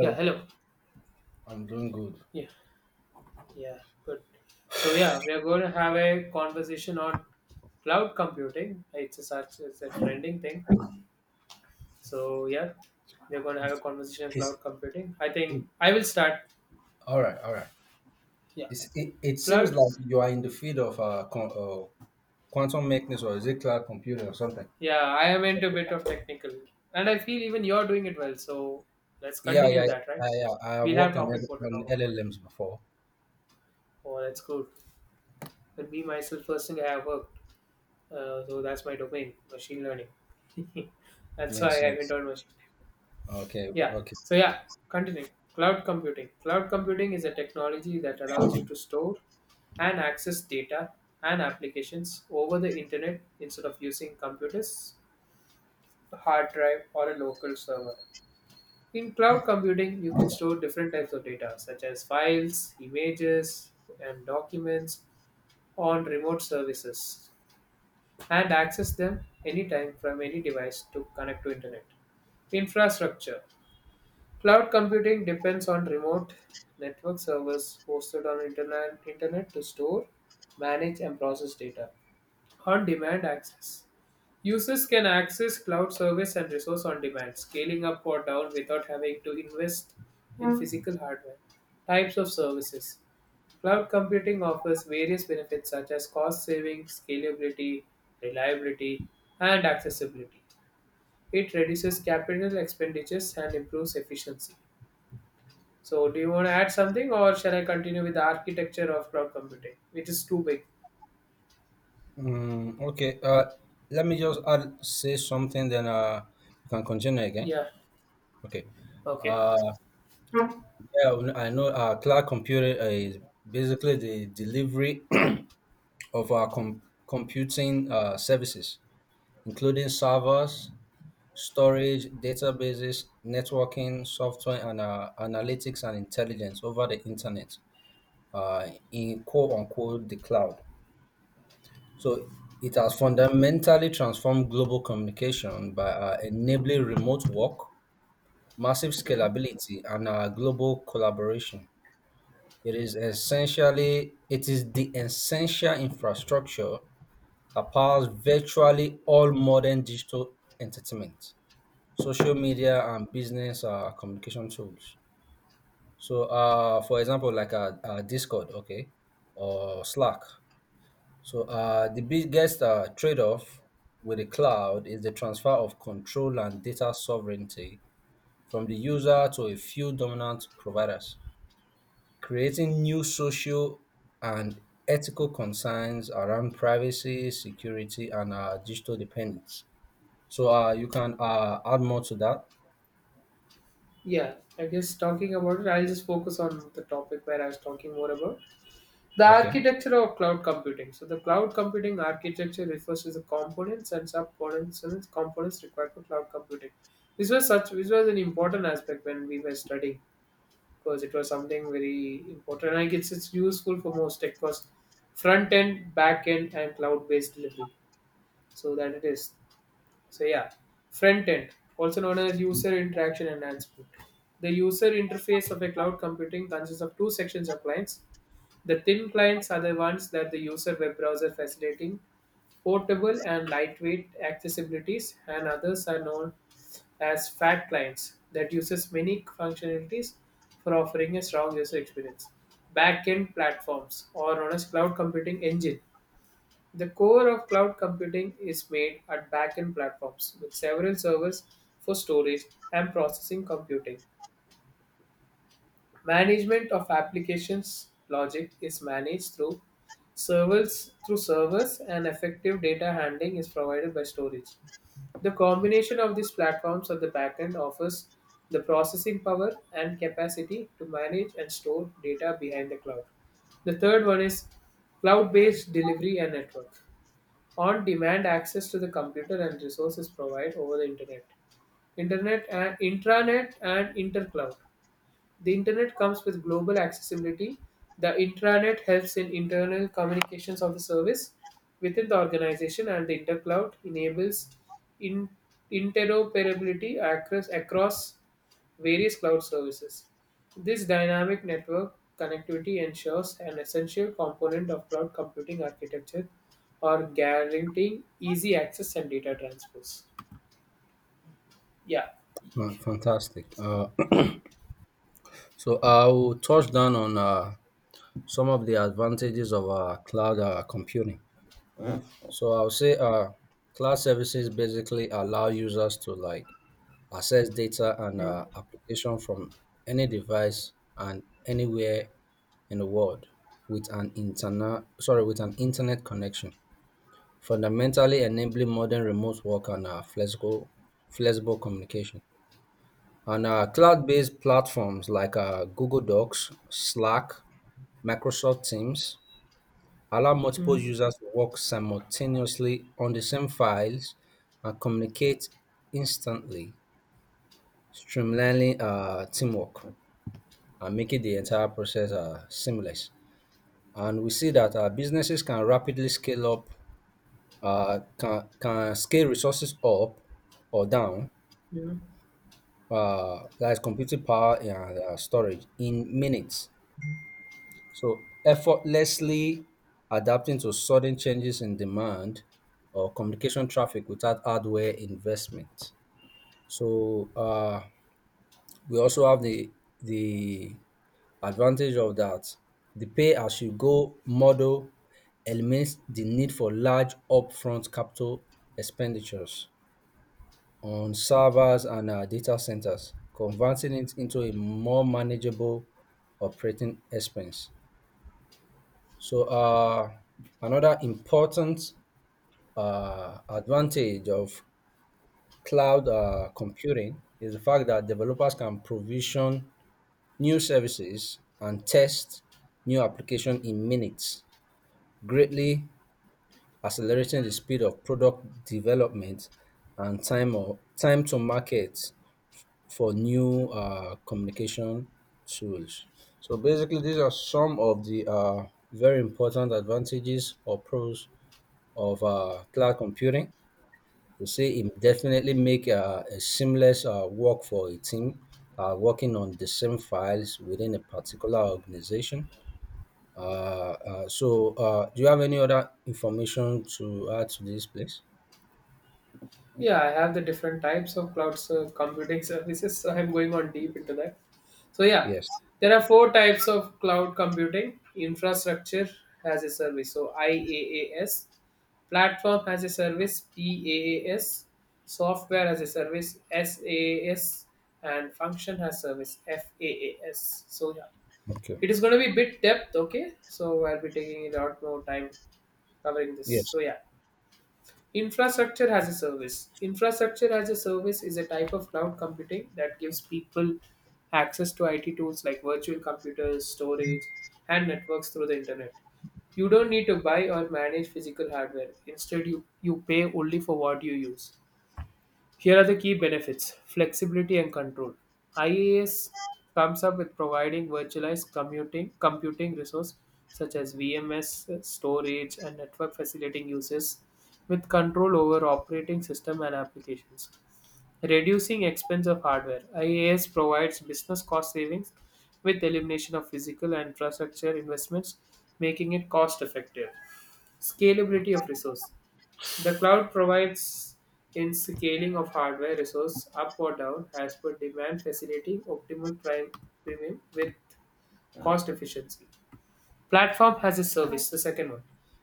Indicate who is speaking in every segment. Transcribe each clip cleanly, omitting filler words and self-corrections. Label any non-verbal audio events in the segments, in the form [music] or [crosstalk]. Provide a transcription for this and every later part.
Speaker 1: Yeah, hello.
Speaker 2: I'm doing good.
Speaker 1: Yeah, yeah, good. So yeah, we are going to have a conversation on cloud computing. It's a trending thing. So yeah, we're going to have a conversation on
Speaker 2: It's,
Speaker 1: cloud computing. I think
Speaker 2: it,
Speaker 1: I will start.
Speaker 2: All right, all right.
Speaker 1: Yeah,
Speaker 2: It seems
Speaker 1: cloud.
Speaker 2: like you are in the field of quantum mechanics, or is it cloud computing or something?
Speaker 1: Yeah, I am into a bit of technical, and I feel even you're doing it well. So let's
Speaker 2: Yeah,
Speaker 1: continue
Speaker 2: yeah,
Speaker 1: that, right?
Speaker 2: yeah, I have
Speaker 1: We'll have
Speaker 2: worked on
Speaker 1: topic what to talk about.
Speaker 2: LLMs before.
Speaker 1: Oh, that's good. But me myself, first thing I have worked. So that's my domain, machine learning. [laughs] That's
Speaker 2: Makes
Speaker 1: why I went
Speaker 2: sense.
Speaker 1: on machine.
Speaker 2: Okay,
Speaker 1: Yeah.
Speaker 2: okay,
Speaker 1: So
Speaker 2: okay.
Speaker 1: yeah, continuing. Cloud computing. Cloud computing is a technology that allows you to store and access data and applications over the internet instead of using computers, a hard drive, or a local server. In cloud computing, you can store different types of data such as files, images, and documents on remote services and access them anytime from any device to connect to internet. Infrastructure. Cloud computing depends on remote network servers hosted on internet to store, manage and process data. On-demand access. Users can access cloud service and resource on demand, scaling up or down without having to invest in physical hardware. Types of services. Cloud computing offers various benefits such as cost savings, scalability, reliability, and accessibility. It reduces capital expenditures and improves efficiency. So, do you want to add something or shall I continue with the architecture of cloud computing, which is too big?
Speaker 2: Mm, okay. Let me just say something, then you can continue again.
Speaker 1: Yeah,
Speaker 2: Okay.
Speaker 1: okay.
Speaker 2: Uh, yeah, I know. Cloud computing is basically the delivery [clears throat] of our computing services, including servers, storage, databases, networking, software, and analytics and intelligence over the internet, in quote unquote the cloud. So it has fundamentally transformed global communication by enabling remote work, massive
Speaker 1: Mm.
Speaker 2: scalability, and global collaboration. It is the essential infrastructure powers virtually all modern digital entertainment, social media, and business communication tools. So, for example, like Discord, okay, or Slack. So, the biggest trade off with the cloud is the transfer of control and data sovereignty from the user to a few dominant providers, creating new social and ethical concerns around privacy, security, and digital dependence. So you can add more to that.
Speaker 1: Yeah, I guess talking about it, I'll just focus on the topic where I was talking more about. The
Speaker 2: Okay.
Speaker 1: architecture of cloud computing. So, the cloud computing architecture refers to the components and subcomponents components required for cloud computing. This was such. This was an important aspect when we were studying because it was something very important. And I guess it's useful for most tech because front end, back end, and cloud based delivery. So that it is. So yeah, front end, also known as user interaction enhancement. The user interface of a cloud computing consists of two sections of clients. The thin clients are the ones that the user web browser facilitating portable and lightweight accessibilities, and others are known as fat clients that uses many functionalities for offering a strong user experience. Backend platforms or known as cloud computing engine. The core of cloud computing is made at backend platforms with several servers for storage and processing computing. Management of applications logic is managed through servers and effective data handling is provided by storage. The combination of these platforms at the backend offers the processing power and capacity to manage and store data behind the cloud. The third one is cloud-based delivery and network. On-demand access to the computer and resources provided over the internet. Internet and intranet and intercloud. The internet comes with global accessibility. The intranet helps in internal communications of the service within the organization, and the intercloud enables in- interoperability across various cloud services. This dynamic network connectivity ensures an essential component of cloud computing architecture or guaranteeing easy access and data transfers. Yeah.
Speaker 2: Fantastic. [clears throat] So I will touch down on some of the advantages of cloud computing. So I'll say cloud services basically allow users to like access data and
Speaker 1: Mm,
Speaker 2: application from any device and anywhere in the world with an internet connection, fundamentally enabling modern remote work and flexible communication. On cloud-based platforms like Google Docs, Slack, Microsoft Teams allow multiple
Speaker 1: mm,
Speaker 2: users to work simultaneously on the same files and communicate instantly, streamlining teamwork and making the entire process seamless. And we see that businesses can rapidly scale resources up or down,
Speaker 1: mm.
Speaker 2: that is computing power and storage in minutes. So effortlessly adapting to sudden changes in demand or communication traffic without hardware investment. So we also have the advantage of that. The pay as you go model eliminates the need for large upfront capital expenditures on servers and data centers, converting it into a more manageable operating expense. So another important advantage of cloud computing is the fact that developers can provision new services and test new application in minutes, greatly accelerating the speed of product development and time to market for new communication tools. So basically, these are some of the very important advantages or pros of cloud computing. You see, it definitely make a seamless work for a team working on the same files within a particular organization. So, do you have any other information to add to this, please?
Speaker 1: Yeah, I have the different types of computing services, so I'm going on deep into that. So yeah,
Speaker 2: Yes.
Speaker 1: there are four types of cloud computing: infrastructure as a service, so IaaS, platform as a service (PaaS), software as a service (SaaS), and function as service (FaaS). So yeah,
Speaker 2: Okay.
Speaker 1: it is going to be bit depth, okay? So I'll be taking a lot more time covering this.
Speaker 2: Yes.
Speaker 1: So yeah. Infrastructure as a service. Infrastructure as a service is a type of cloud computing that gives people access to IT tools like virtual computers, storage, and networks through the internet. You don't need to buy or manage physical hardware. Instead, you pay only for what you use. Here are the key benefits flexibility and control. IaaS comes up with providing computing resource such as VMS, storage, and network facilitating uses with control over operating system and applications. Reducing expense of hardware. IaaS provides business cost savings with elimination of physical and infrastructure investments, making it cost effective. Scalability of resource. The cloud provides in scaling of hardware resource up or down as per demand, facilitating optimal prime premium with cost efficiency. Platform as a service, the second one.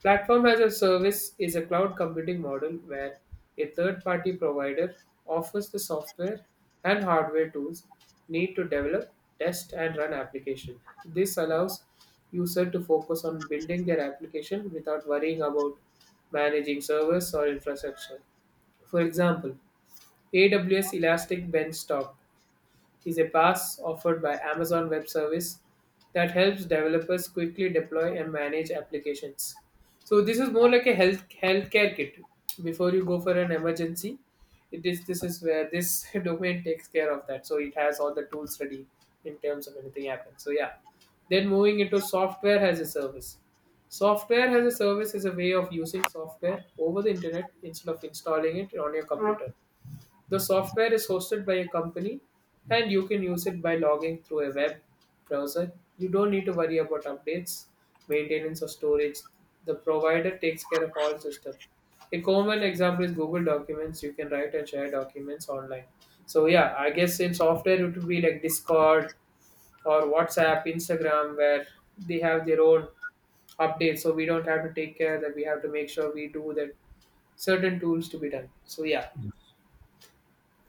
Speaker 1: Platform as a service is a cloud computing model where a third party provider offers the software and hardware tools need to develop, test, and run application. This allows user to focus on building their application without worrying about managing servers or infrastructure. For example, AWS Elastic Benchtop is a pass offered by Amazon Web Service that helps developers quickly deploy and manage applications. So this is more like a healthcare kit. Before you go for an emergency, it is this is where this [laughs] domain takes care of that. So it has all the tools ready in terms of anything happens. So yeah. Then moving into software as a service. Software as a service is a way of using software over the internet instead of installing it on your computer. The software is hosted by a company and you can use it by logging through a web browser. You don't need to worry about updates, maintenance, or storage. The provider takes care of all system. A common example is Google Documents. You can write and share documents online. So yeah, I guess in software it would be like Discord or WhatsApp, Instagram, where they have their own updates. So we don't have to take care that we have to make sure we do that certain tools to be done. So yeah,
Speaker 2: Yes.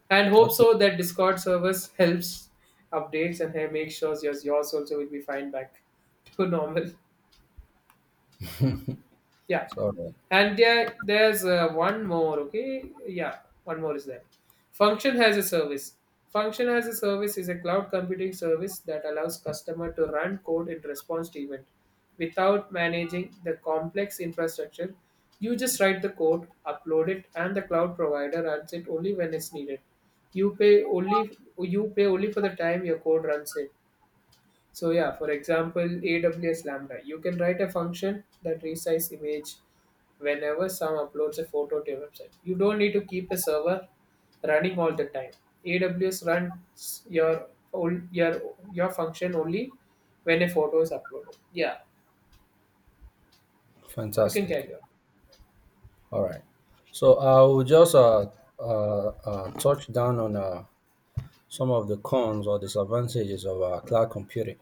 Speaker 1: and hope
Speaker 2: Okay.
Speaker 1: so that discord service helps updates and hey, make sure yours also will be fine back to normal, yeah.
Speaker 2: So,
Speaker 1: And there's one more, okay, yeah, one more is there. Function as a service. Function as a service is a cloud computing service that allows customer to run code in response to event without managing the complex infrastructure. You just write the code, upload it, and the cloud provider runs it only when it's needed. You pay only for the time your code runs it. So yeah, for example, AWS Lambda. You can write a function that resize image whenever someone uploads a photo to your website. You don't need to keep a server running all the time. AWS runs your old your function only when a photo is uploaded. Yeah, you can
Speaker 2: fantastic.
Speaker 1: carry on.
Speaker 2: All right. So I will just touch down on some of the cons or disadvantages of cloud computing.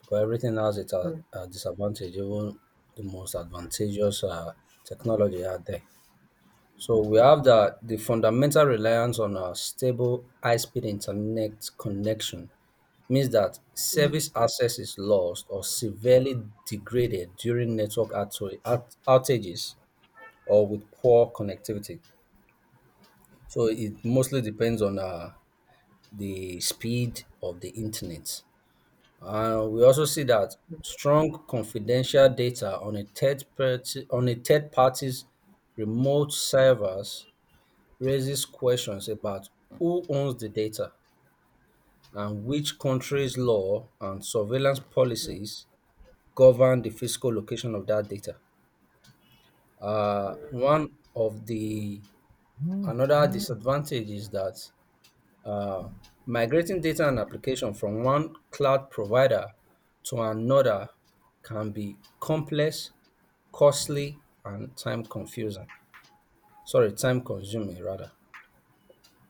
Speaker 2: Because everything has its
Speaker 1: Mm,
Speaker 2: disadvantage, even the most advantageous technology out there. So we have the fundamental reliance on a stable high-speed internet connection means that
Speaker 1: mm,
Speaker 2: service access is lost or severely degraded during network outages or with poor connectivity. So it mostly depends on the speed of the internet. And we also see that strong confidential data on a third party's remote servers raises questions about who owns the data and which country's law and surveillance
Speaker 1: mm,
Speaker 2: policies govern the physical location of that data. One of the Another disadvantage is that Uh, migrating data and application from one cloud provider to another can be complex, costly, and time consuming rather.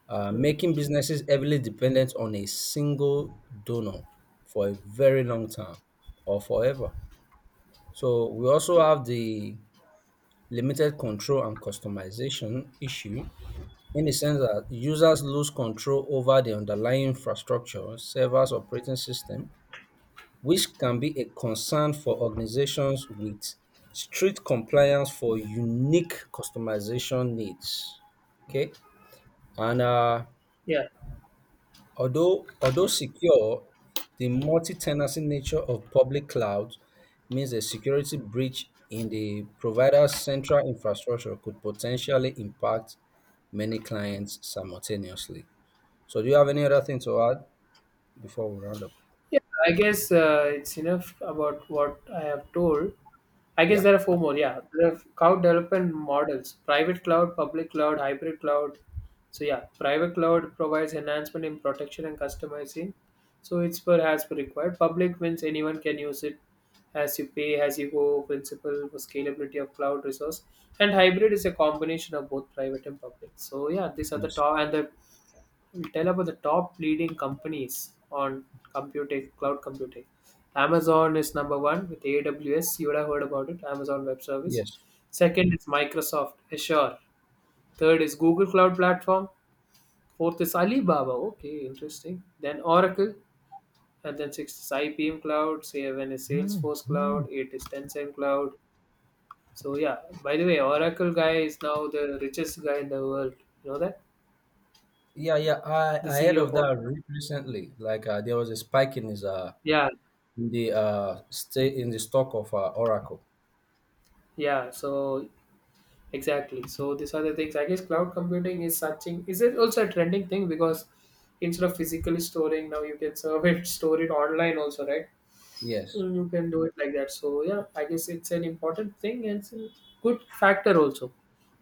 Speaker 1: mm.
Speaker 2: Making businesses heavily dependent on a single donor for a very long time or forever. So we also have the limited control and customization issue, in the sense that users lose control over the underlying infrastructure, servers, operating system, which can be a concern for organizations with strict compliance for unique customization needs. Okay, and
Speaker 1: Yeah.
Speaker 2: although secure, the multi-tenancy nature of public cloud means a security breach in the provider's central infrastructure could potentially impact many clients simultaneously. So do you have any other thing to add before we round up?
Speaker 1: Yeah, I guess it's enough about what I have told. I guess
Speaker 2: Yeah.
Speaker 1: there are four more. Yeah, there are cloud development models: private cloud, public cloud, hybrid cloud. So yeah, private cloud provides enhancement in protection and customizing. So it's per as per required. Public means anyone can use it as you pay, as you go principle for scalability of cloud resource. And hybrid is a combination of both private and public. So yeah, these are the
Speaker 2: Yes.
Speaker 1: top and the we'll tell about the top leading companies on computing, cloud computing. Amazon is number one with AWS. You would have heard about it, Amazon Web Service.
Speaker 2: Yes.
Speaker 1: Second is Microsoft Azure. Third is Google Cloud Platform. Fourth is Alibaba. Okay, interesting. Then Oracle. And then sixth is IBM Cloud. Seven is Salesforce Cloud. Eight is Tencent Cloud. So yeah. By the way, Oracle guy is now the richest guy in the world. You know that?
Speaker 2: Yeah, yeah, I,
Speaker 1: The
Speaker 2: I heard
Speaker 1: CEO of
Speaker 2: of
Speaker 1: Oracle.
Speaker 2: that recently. Like there was a spike in his
Speaker 1: Yeah,
Speaker 2: in the stock of Oracle.
Speaker 1: yeah. So exactly. So these are the things. I guess cloud computing is something. Is it also a trending thing because instead of physically storing, now you can [laughs] store it online also, right?
Speaker 2: Yes.
Speaker 1: Mm. You can do it like that. So yeah, I guess it's an important thing and it's a good factor also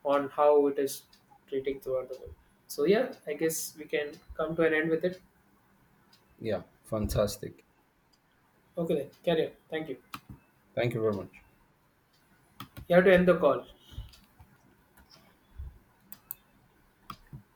Speaker 1: on how it is treating throughout the world. So yeah, I guess we can come to an end with it.
Speaker 2: Yeah. Fantastic.
Speaker 1: Okay then, carry on. Thank you.
Speaker 2: Thank you very much.
Speaker 1: You have to end the call.